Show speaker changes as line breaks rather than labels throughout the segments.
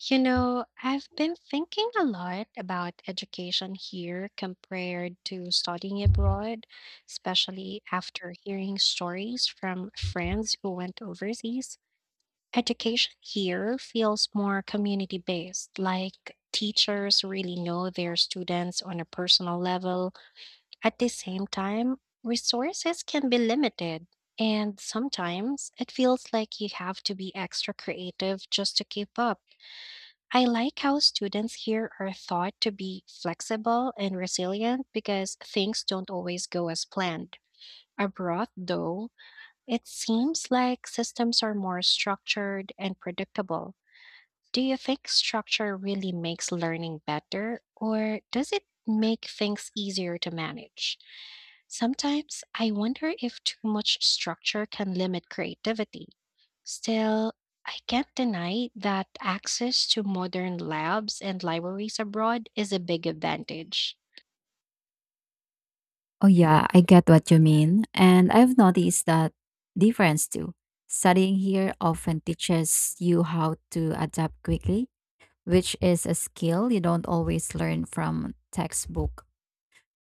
You know, I've been thinking a lot about education here compared to studying abroad, especially after hearing stories from friends who went overseas. Education here feels more community based, like teachers really know their students on a personal level. At the same time, resources can be limited. And sometimes it feels like you have to be extra creative just to keep up. I like how students here are thought to be flexible and resilient because things don't always go as planned. Abroad, though, it seems like systems are more structured and predictable. Do you think structure really makes learning better, or does it make things easier to manage? Sometimes I wonder if too much structure can limit creativity. Still, I can't deny that access to modern labs and libraries abroad is a big advantage.
Oh, yeah, I get what you mean. And I've noticed that difference too. Studying here often teaches you how to adapt quickly, which is a skill you don't always learn from textbook.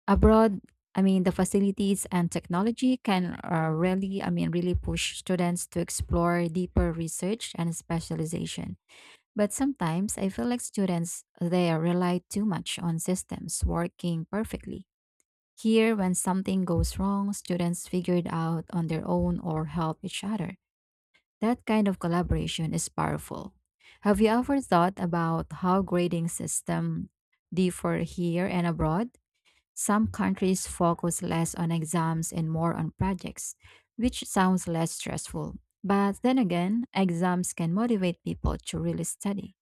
Abroad, I mean, the facilities and technology can really, I mean, really push students to explore deeper research and specialization. But sometimes I feel like students, they rely too much on systems working perfectly here, when something goes wrong, students figure it out on their own or help each other. That kind of collaboration is powerful. Have you ever thought about how grading system differ here and abroad? Some countries focus less on exams and more on projects, which sounds less stressful. But then again, exams can motivate people to really study.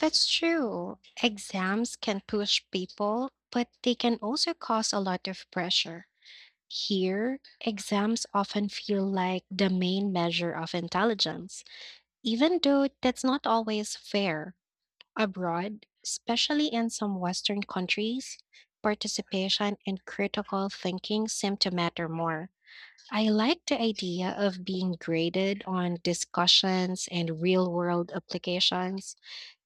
That's true. Exams can push people, but they can also cause a lot of pressure. Here, exams often feel like the main measure of intelligence, even though that's not always fair. Abroad, especially in some Western countries, participation and critical thinking seem to matter more. I like the idea of being graded on discussions and real world applications.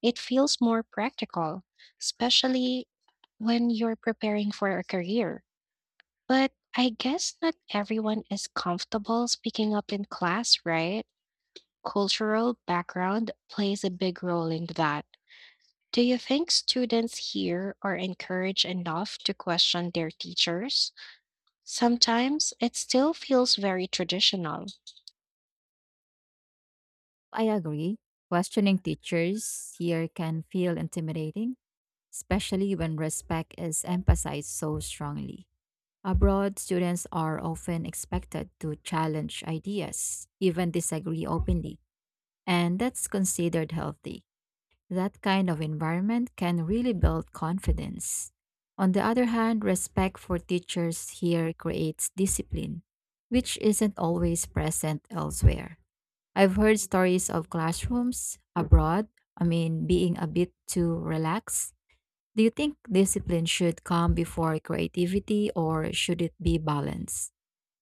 It feels more practical, especially when you're preparing for a career. But I guess not everyone is comfortable speaking up in class, right? Cultural background plays a big role in that. Do you think students here are encouraged enough to question their teachers? Sometimes it still feels very traditional.
I agree. Questioning teachers here can feel intimidating especially when respect is emphasized so strongly. Abroad, students are often expected to challenge ideas, even disagree openly, and that's considered healthy. That kind of environment can really build confidence. On the other hand, respect for teachers here creates discipline, which isn't always present elsewhere. I've heard stories of classrooms abroad, I mean, being a bit too relaxed do you think discipline should come before creativity or should it be balanced?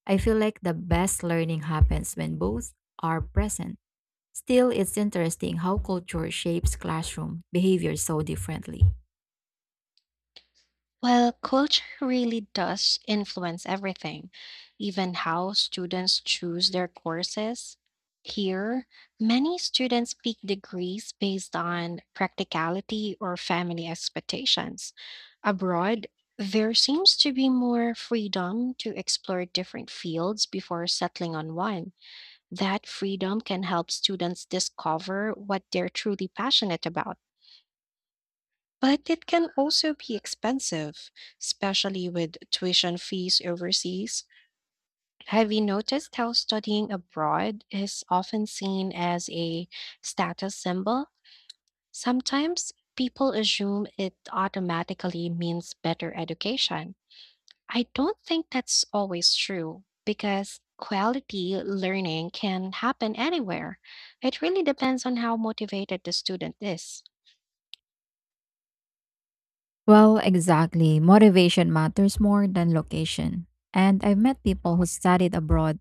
I feel like the best learning happens when both are present. Still, it's interesting how culture shapes classroom behavior so differently.
Well, culture really does influence everything, even how students choose their courses. Here, many students pick degrees based on practicality or family expectations. Abroad, there seems to be more freedom to explore different fields before settling on one. That freedom can help students discover what they're truly passionate about. But it can also be expensive, especially with tuition fees overseas. Have you noticed how studying abroad is often seen as a status symbol? Sometimes people assume it automatically means better education. I don't think that's always true because quality learning can happen anywhere. It really depends on how motivated the student is.
Well, exactly. Motivation matters more than location. And I've met people who studied abroad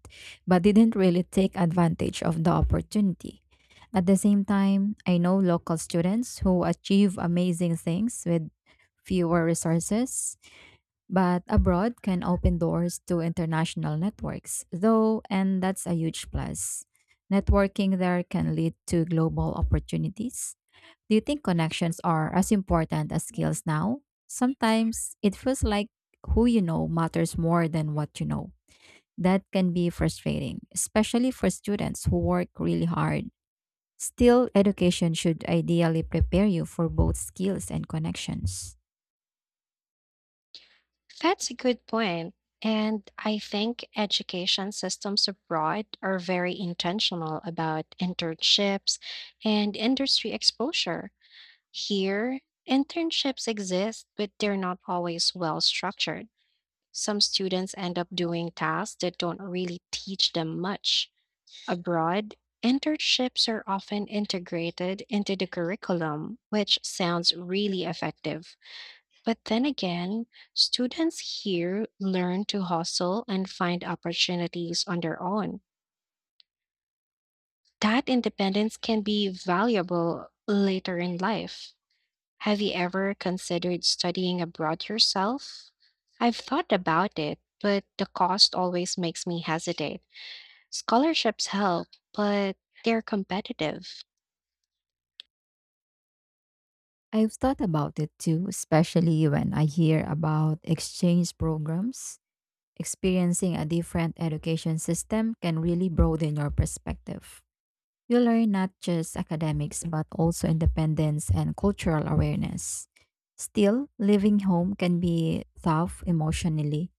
but didn't really take advantage of the opportunity. At the same time, I know local students who achieve amazing things with fewer resources, but abroad can open doors to international networks, though, and that's a huge plus. Networking there can lead to global opportunities do you think connections are as important as skills now? Sometimes it feels like who you know matters more than what you know. That can be frustrating, especially for students who work really hard. Still, education should ideally prepare you for both skills and connections.
That's a good point. And I think education systems abroad are very intentional about internships and industry exposure. Here, internships exist, but they're not always well structured. Some students end up doing tasks that don't really teach them much. Abroad, internships are often integrated into the curriculum, which sounds really effective. But then again, students here learn to hustle and find opportunities on their own. That independence can be valuable later in life. Have you ever considered studying abroad yourself? I've thought about it, but the cost always makes me hesitate. Scholarships help, but they're competitive.
I've thought about it too, especially when I hear about exchange programs. Experiencing a different education system can really broaden your perspective. You learn not just academics, but also independence and cultural awareness. Still, living home can be tough emotionally,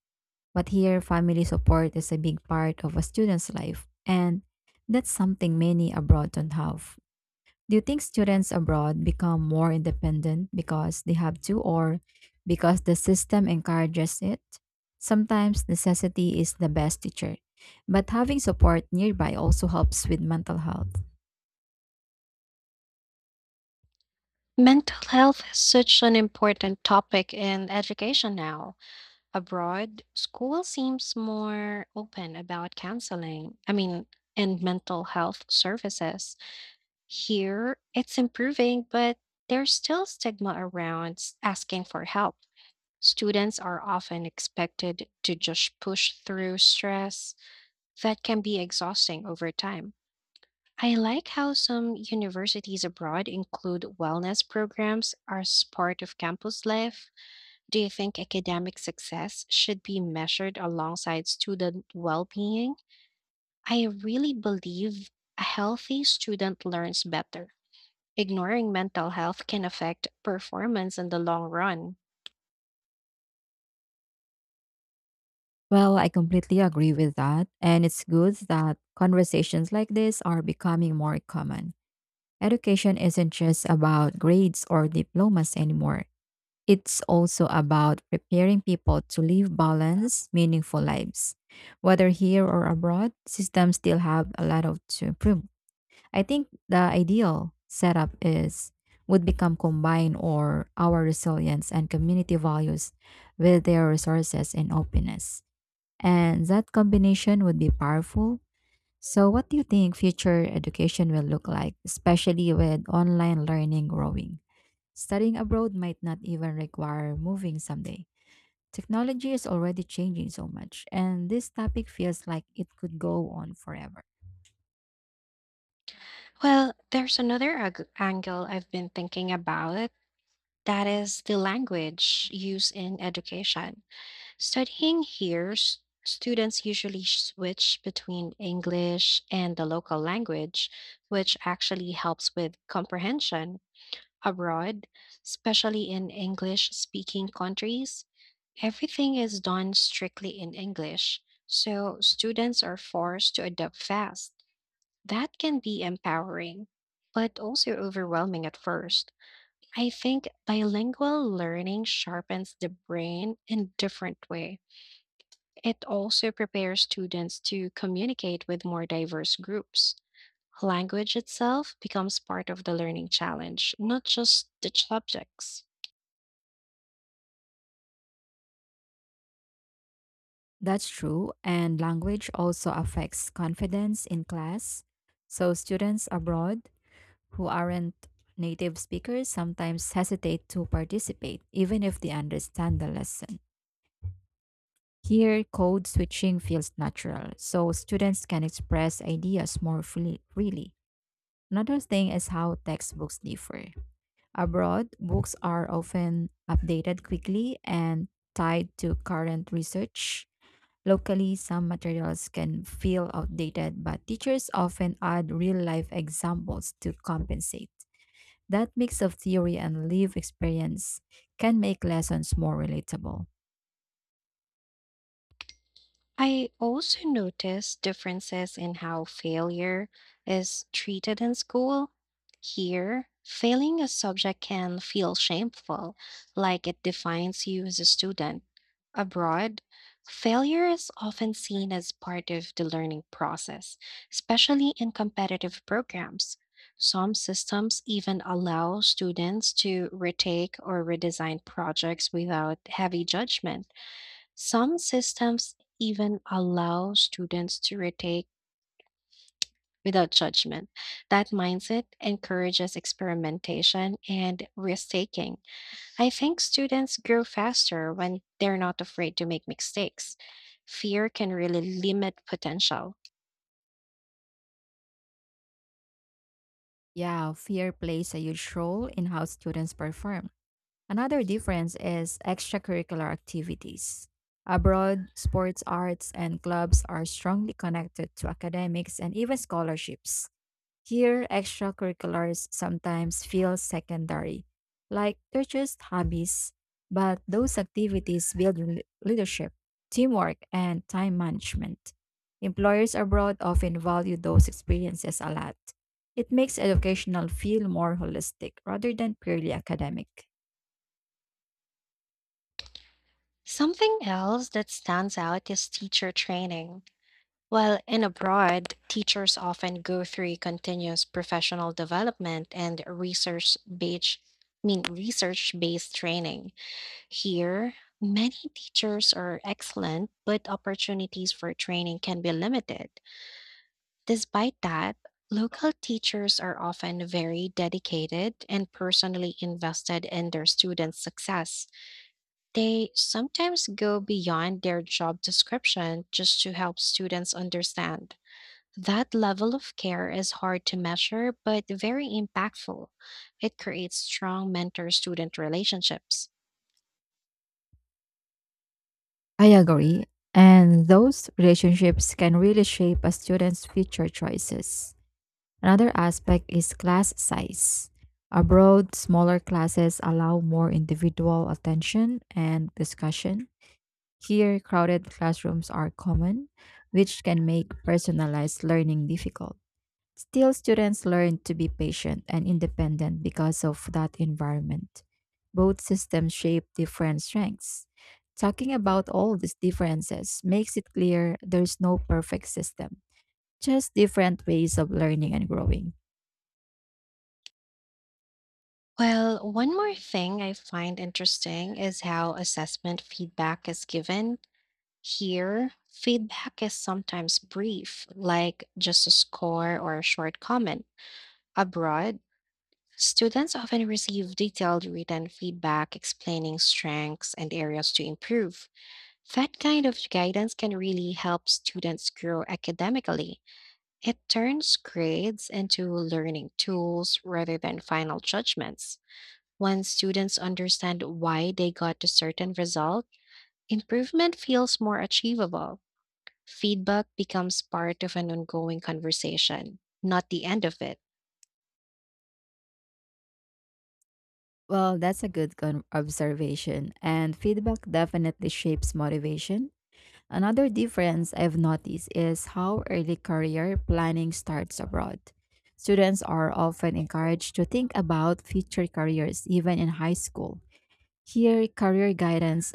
but here, family support is a big part of a student's life, and that's something many abroad don't have. Do you think students abroad become more independent because they have to, or because the system encourages it? Sometimes necessity is the best teacher, but having support nearby also helps with mental health.
Mental health is such an important topic in education now. Abroad, school seems more open about counseling, and mental health services. Here, it's improving, but there's still stigma around asking for help. Students are often expected to just push through stress that can be exhausting over time. I like how some universities abroad include wellness programs as part of campus life. Do you think academic success should be measured alongside student well being? I really believe a healthy student learns better. Ignoring mental health can affect performance in the long run.
Well, I completely agree with that. And it's good that conversations like this are becoming more common. Education isn't just about grades or diplomas anymore, it's also about preparing people to live balanced, meaningful lives. Whether here or abroad, systems still have a lot of to improve. I think the ideal setup is would become combine or our resilience and community values with their resources and openness. And that combination would be powerful. So, what do you think future education will look like, especially with online learning growing? Studying abroad might not even require moving someday. Technology is already changing so much, and this topic feels like it could go on forever.
Well, there's another angle I've been thinking about that is the language used in education. Studying here, students usually switch between English and the local language, which actually helps with comprehension. Abroad, especially in English speaking countries, everything is done strictly in English, so students are forced to adapt fast. That can be empowering, but also overwhelming at first. I think bilingual learning sharpens the brain in a different way. It also prepares students to communicate with more diverse groups. Language itself becomes part of the learning challenge, not just the subjects.
That's true, and language also affects confidence in class. So, students abroad who aren't native speakers sometimes hesitate to participate, even if they understand the lesson. Here, code switching feels natural, so students can express ideas more freely. Another thing is how textbooks differ. Abroad, books are often updated quickly and tied to current research. Locally, some materials can feel outdated, but teachers often add real life examples to compensate. That mix of theory and live experience can make lessons more relatable.
I also noticed differences in how failure is treated in school. Here, failing a subject can feel shameful, like it defines you as a student. Abroad, failure is often seen as part of the learning process, especially in competitive programs. Some systems even allow students to retake or redesign projects without heavy judgment. Some systems even allow students to retake without judgment. That mindset encourages experimentation and risk taking. I think students grow faster when they're not afraid to make mistakes. Fear can really limit potential.
Yeah, fear plays a huge role in how students perform. Another difference is extracurricular activities. Abroad, sports, arts, and clubs are strongly connected to academics and even scholarships. Here, extracurriculars sometimes feel secondary, like they're just hobbies, but those activities build leadership, teamwork, and time management. Employers abroad often value those experiences a lot. It makes educational feel more holistic rather than purely academic.
Something else that stands out is teacher training. While in abroad, teachers often go through a continuous professional development and research based I mean research-based training. Here, many teachers are excellent, but opportunities for training can be limited. Despite that, local teachers are often very dedicated and personally invested in their students' success. They sometimes go beyond their job description just to help students understand that level of care is hard to measure, but very impactful. It creates strong mentor student relationships.
I agree, and those relationships can really shape a student's future choices. Another aspect is class size. Abroad, smaller classes allow more individual attention and discussion. Here, crowded classrooms are common, which can make personalized learning difficult. Still, students learn to be patient and independent because of that environment. Both systems shape different strengths. Talking about all these differences makes it clear there's no perfect system, just different ways of learning and growing.
Well, one more thing I find interesting is how assessment feedback is given. Here, feedback is sometimes brief, like just a score or a short comment. Abroad, students often receive detailed written feedback explaining strengths and areas to improve. That kind of guidance can really help students grow academically. It turns grades into learning tools rather than final judgments. When students understand why they got a certain result, improvement feels more achievable. Feedback becomes part of an ongoing conversation, not the end of it.
Well, that's a good observation, and feedback definitely shapes motivation. Another difference I've noticed is how early career planning starts abroad. Students are often encouraged to think about future careers even in high school. Here, career guidance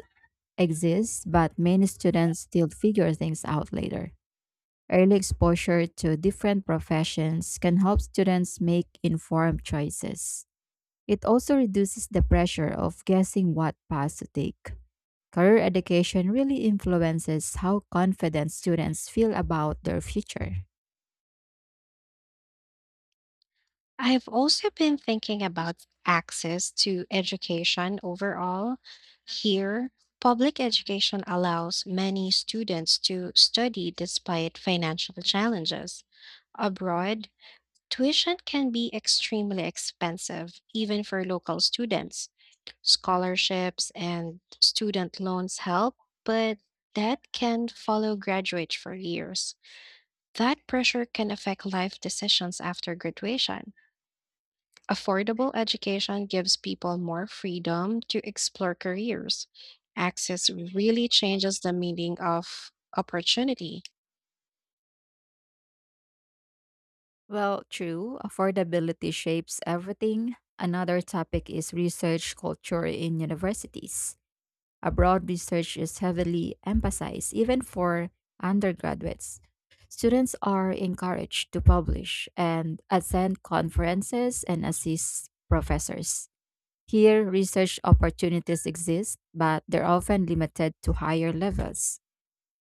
exists, but many students still figure things out later. Early exposure to different professions can help students make informed choices. It also reduces the pressure of guessing what path to take. Career education really influences how confident students feel about their future.
I've also been thinking about access to education overall. Here, public education allows many students to study despite financial challenges. Abroad, tuition can be extremely expensive, even for local students. Scholarships and student loans help, but that can follow graduates for years. That pressure can affect life decisions after graduation. Affordable education gives people more freedom to explore careers. Access really changes the meaning of opportunity.
Well, true, affordability shapes everything. Another topic is research culture in universities. Abroad research is heavily emphasized, even for undergraduates. Students are encouraged to publish and attend conferences and assist professors. Here, research opportunities exist, but they're often limited to higher levels.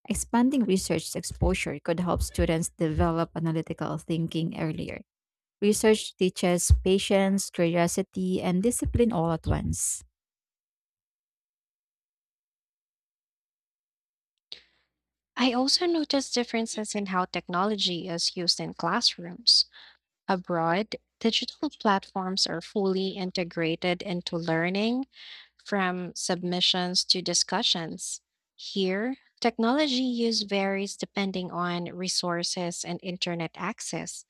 Expanding research exposure could help students develop analytical thinking earlier. Research teaches patience, curiosity, and discipline all at once.
I also noticed differences in how technology is used in classrooms. Abroad, digital platforms are fully integrated into learning, from submissions to discussions. Here, technology use varies depending on resources and internet access.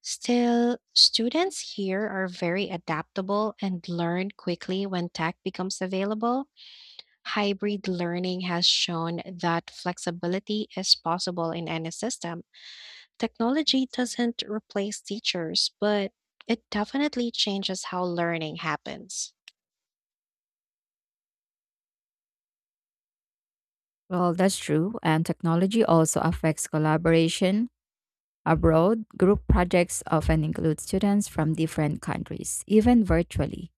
Still, students here are very adaptable and learn quickly when tech becomes available. Hybrid learning has shown that flexibility is possible in any system. Technology doesn't replace teachers, but it definitely changes how learning happens.
Well, that's true, and technology also affects collaboration. Abroad, group projects often include students from different countries, even virtually.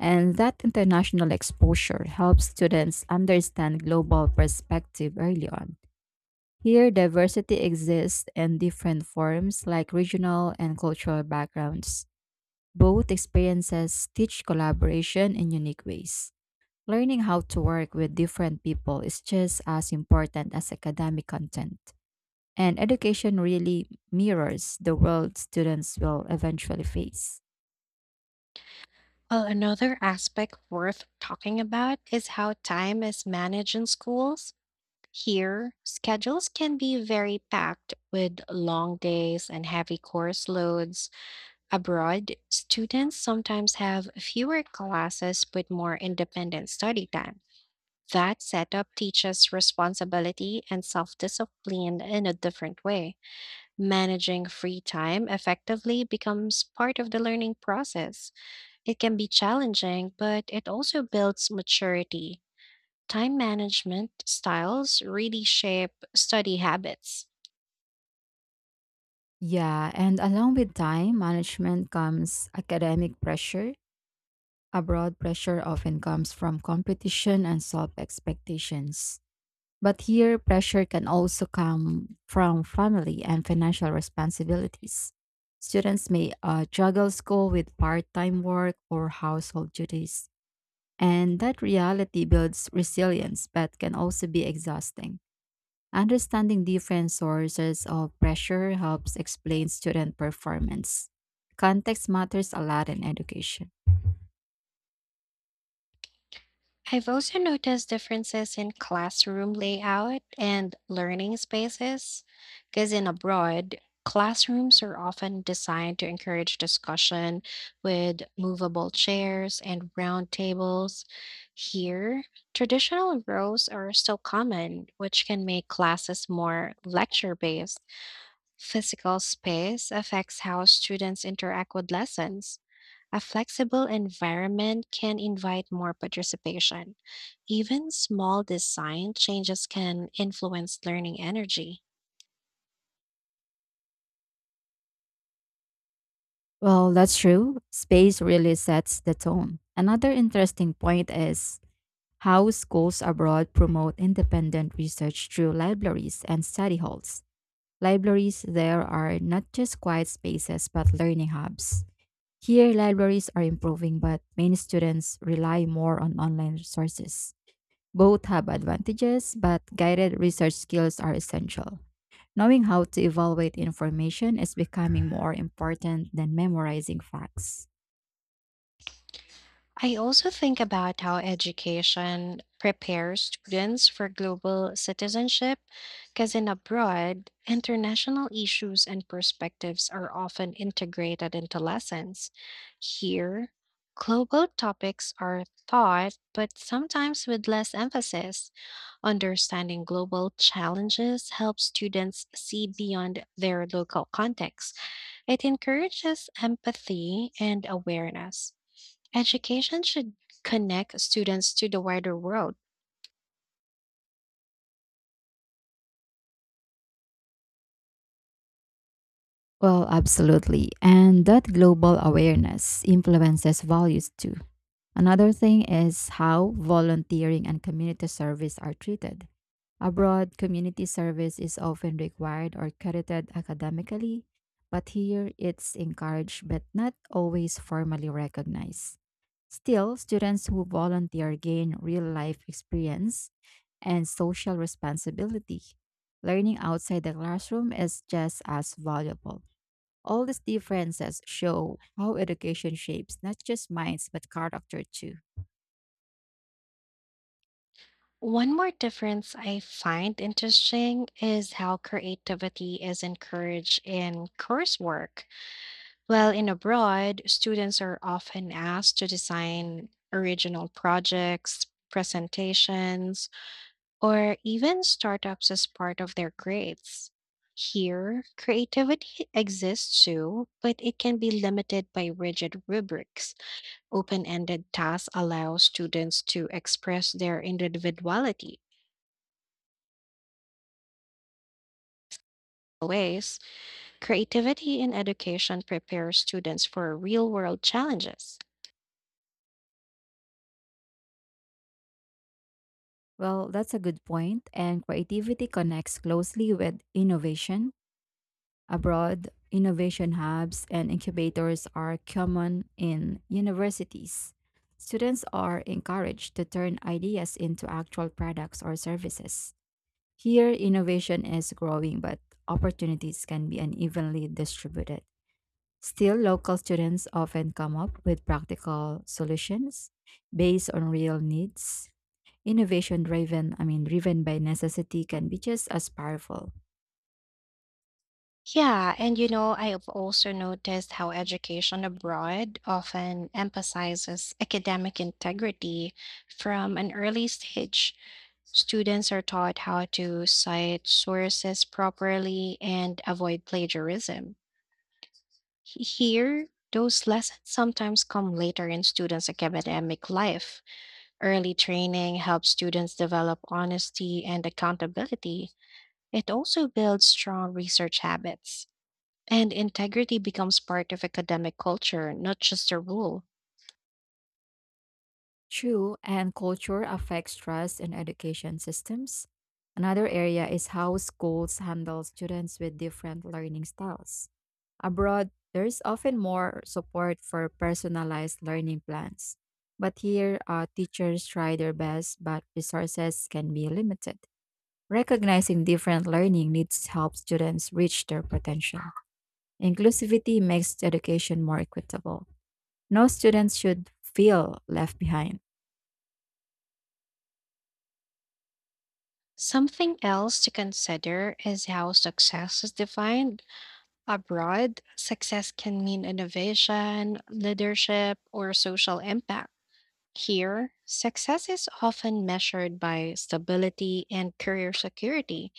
And that international exposure helps students understand global perspective early on. Here, diversity exists in different forms like regional and cultural backgrounds. Both experiences teach collaboration in unique ways. Learning how to work with different people is just as important as academic content. And education really mirrors the world students will eventually face.
Well, another aspect worth talking about is how time is managed in schools. Here, schedules can be very packed with long days and heavy course loads. Abroad, students sometimes have fewer classes but more independent study time. That setup teaches responsibility and self discipline in a different way. Managing free time effectively becomes part of the learning process. It can be challenging, but it also builds maturity. Time management styles really shape study habits.
Yeah, and along with time management comes academic pressure. Abroad pressure often comes from competition and self expectations. But here, pressure can also come from family and financial responsibilities. Students may juggle school with part time work or household duties, and that reality builds resilience but can also be exhausting. Understanding different sources of pressure helps explain student performance. Context matters a lot in education.
I've also noticed differences in classroom layout and learning spaces, because in abroad, classrooms are often designed to encourage discussion with movable chairs and round tables. Here, traditional rows are still common, which can make classes more lecture based. Physical space affects how students interact with lessons. A flexible environment can invite more participation. Even small design changes can influence learning energy.
Well, that's true. Space really sets the tone. Another interesting point is how schools abroad promote independent research through libraries and study halls. Libraries there are not just quiet spaces but learning hubs. Here, libraries are improving, but many students rely more on online resources. Both have advantages, but guided research skills are essential. Knowing how to evaluate information is becoming more important than memorizing facts.
I also think about how education prepares students for global citizenship, because in abroad, international issues and perspectives are often integrated into lessons. Here, global topics are taught, but sometimes with less emphasis. Understanding global challenges helps students see beyond their local context. It encourages empathy and awareness. Education should connect students to the wider world.
Well, absolutely. And that global awareness influences values too. Another thing is how volunteering and community service are treated. Abroad, community service is often required or credited academically, but here it's encouraged but not always formally recognized. Still, students who volunteer gain real life experience and social responsibility. Learning outside the classroom is just as valuable. All these differences show how education shapes not just minds but character too.
One more difference I find interesting is how creativity is encouraged in coursework. While in abroad, students are often asked to design original projects, presentations, or even startups as part of their grades. Here, creativity exists too, but it can be limited by rigid rubrics. Open ended tasks allow students to express their individuality. Ways creativity in education prepares students for real world challenges.
Well, that's a good point, and creativity connects closely with innovation. Abroad, innovation hubs and incubators are common in universities. Students are encouraged to turn ideas into actual products or services. Here, innovation is growing, but opportunities can be unevenly distributed. Still, local students often come up with practical solutions based on real needs. Innovation driven, I mean, driven by necessity, can be just as powerful.
Yeah, and you know, I have also noticed how education abroad often emphasizes academic integrity from an early stage. Students are taught how to cite sources properly and avoid plagiarism. Here, those lessons sometimes come later in students' academic life. Early training helps students develop honesty and accountability. It also builds strong research habits, and integrity becomes part of academic culture, not just a rule.
True, and culture affects trust in education systems. Another area is how schools handle students with different learning styles. Abroad, there is often more support for personalized learning plans. But here, teachers try their best, but resources can be limited. Recognizing different learning needs helps students reach their potential. Inclusivity makes education more equitable. No students should feel left behind.
Something else to consider is how success is defined. Abroad, success can mean innovation, leadership, or social impact. Here, success is often measured by stability and career security.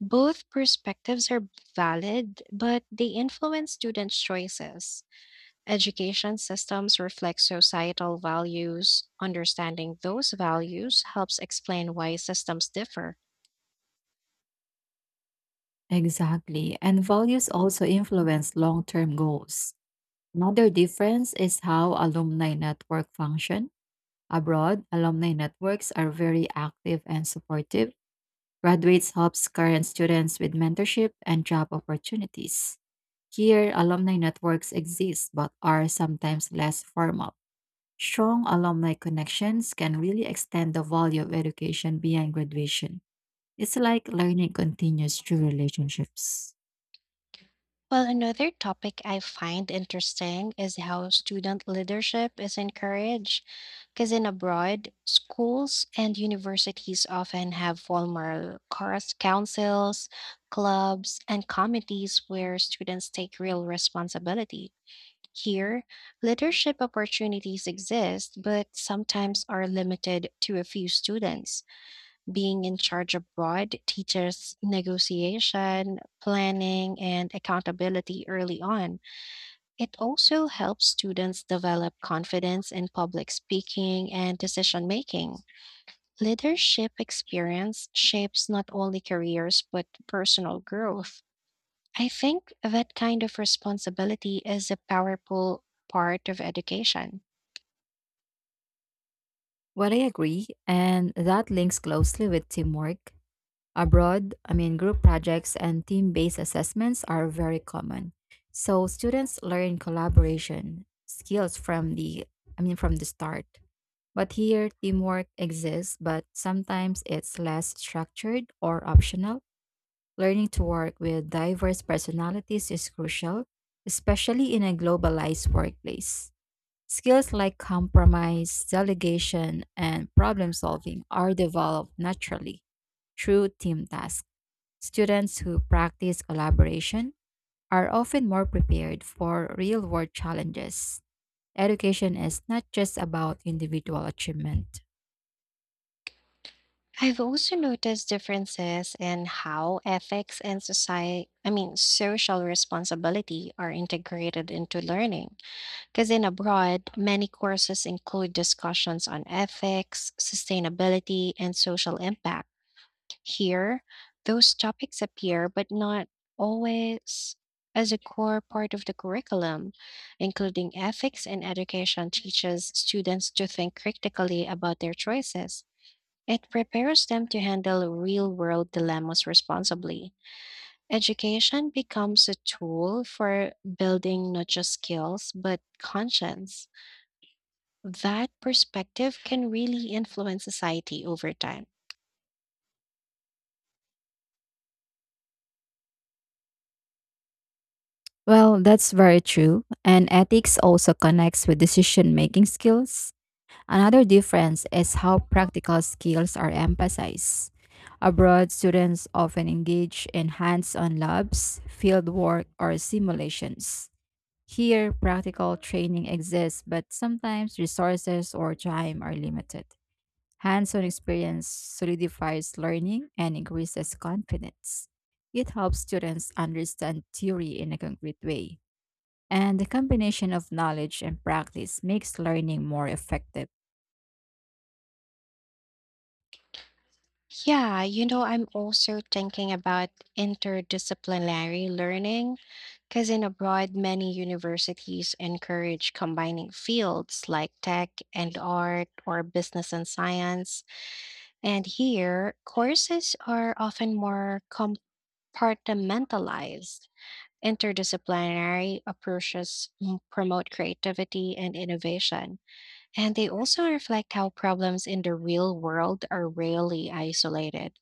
Both perspectives are valid, but they influence students' choices. Education systems reflect societal values. Understanding those values helps explain why systems differ.
Exactly. And values also influence long term goals. Another difference is how alumni network function. Abroad, alumni networks are very active and supportive. Graduates helps current students with mentorship and job opportunities. Here, alumni networks exist but are sometimes less formal. Strong alumni connections can really extend the value of education beyond graduation. It's like learning continues through relationships.
Well, another topic I find interesting is how student leadership is encouraged. Because in abroad, schools and universities often have formal course councils, clubs, and committees where students take real responsibility. Here, leadership opportunities exist, but sometimes are limited to a few students being in charge abroad teaches negotiation, planning, and accountability early on. It also helps students develop confidence in public speaking and decision making. Leadership experience shapes not only careers but personal growth. I think that kind of responsibility is a powerful part of education.
Well, I agree, and that links closely with teamwork. Abroad, I mean, group projects and team based assessments are very common. So students learn collaboration skills from the I mean from the start. But here teamwork exists, but sometimes it's less structured or optional. Learning to work with diverse personalities is crucial, especially in a globalized workplace. Skills like compromise, delegation, and problem solving are developed naturally through team tasks. Students who practice collaboration are often more prepared for real world challenges. Education is not just about individual achievement.
I've also noticed differences in how ethics and social responsibility are integrated into learning. Because in abroad, many courses include discussions on ethics, sustainability, and social impact. Here, those topics appear, but not always as a core part of the curriculum. Including ethics in education teaches students to think critically about their choices. It prepares them to handle real world dilemmas responsibly. Education becomes a tool for building not just skills, but conscience. That perspective can really influence society over time.
Well, that's very true. And ethics also connects with decision making skills. Another difference is how practical skills are emphasized. Abroad, students often engage in hands on labs, field work, or simulations. Here, practical training exists, but sometimes resources or time are limited. Hands on experience solidifies learning and increases confidence. It helps students understand theory in a concrete way. And the combination of knowledge and practice makes learning more effective.
Yeah, you know, I'm also thinking about interdisciplinary learning because in abroad, many universities encourage combining fields like tech and art or business and science. And here, courses are often more compartmentalized. Interdisciplinary approaches promote creativity and innovation, and they also reflect how problems in the real world are rarely isolated.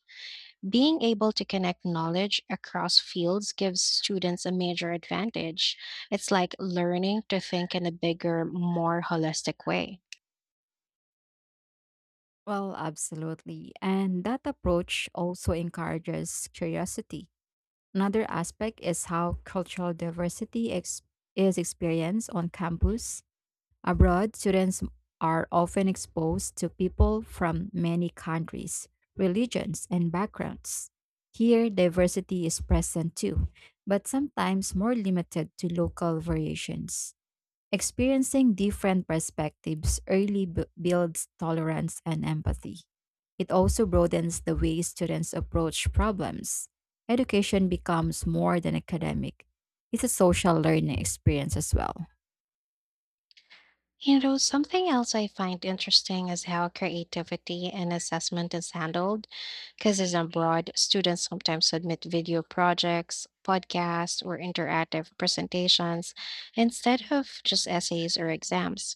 Being able to connect knowledge across fields gives students a major advantage. It's like learning to think in a bigger, more holistic way.
Well, absolutely. And that approach also encourages curiosity. Another aspect is how cultural diversity is experienced on campus. Abroad, students are often exposed to people from many countries, religions, and backgrounds. Here, diversity is present too, but sometimes more limited to local variations. Experiencing different perspectives early builds tolerance and empathy. It also broadens the way students approach problems. Education becomes more than academic, it's a social learning experience as well.
You know, something else I find interesting is how creativity and assessment is handled. Because as abroad, students sometimes submit video projects, podcasts, or interactive presentations instead of just essays or exams.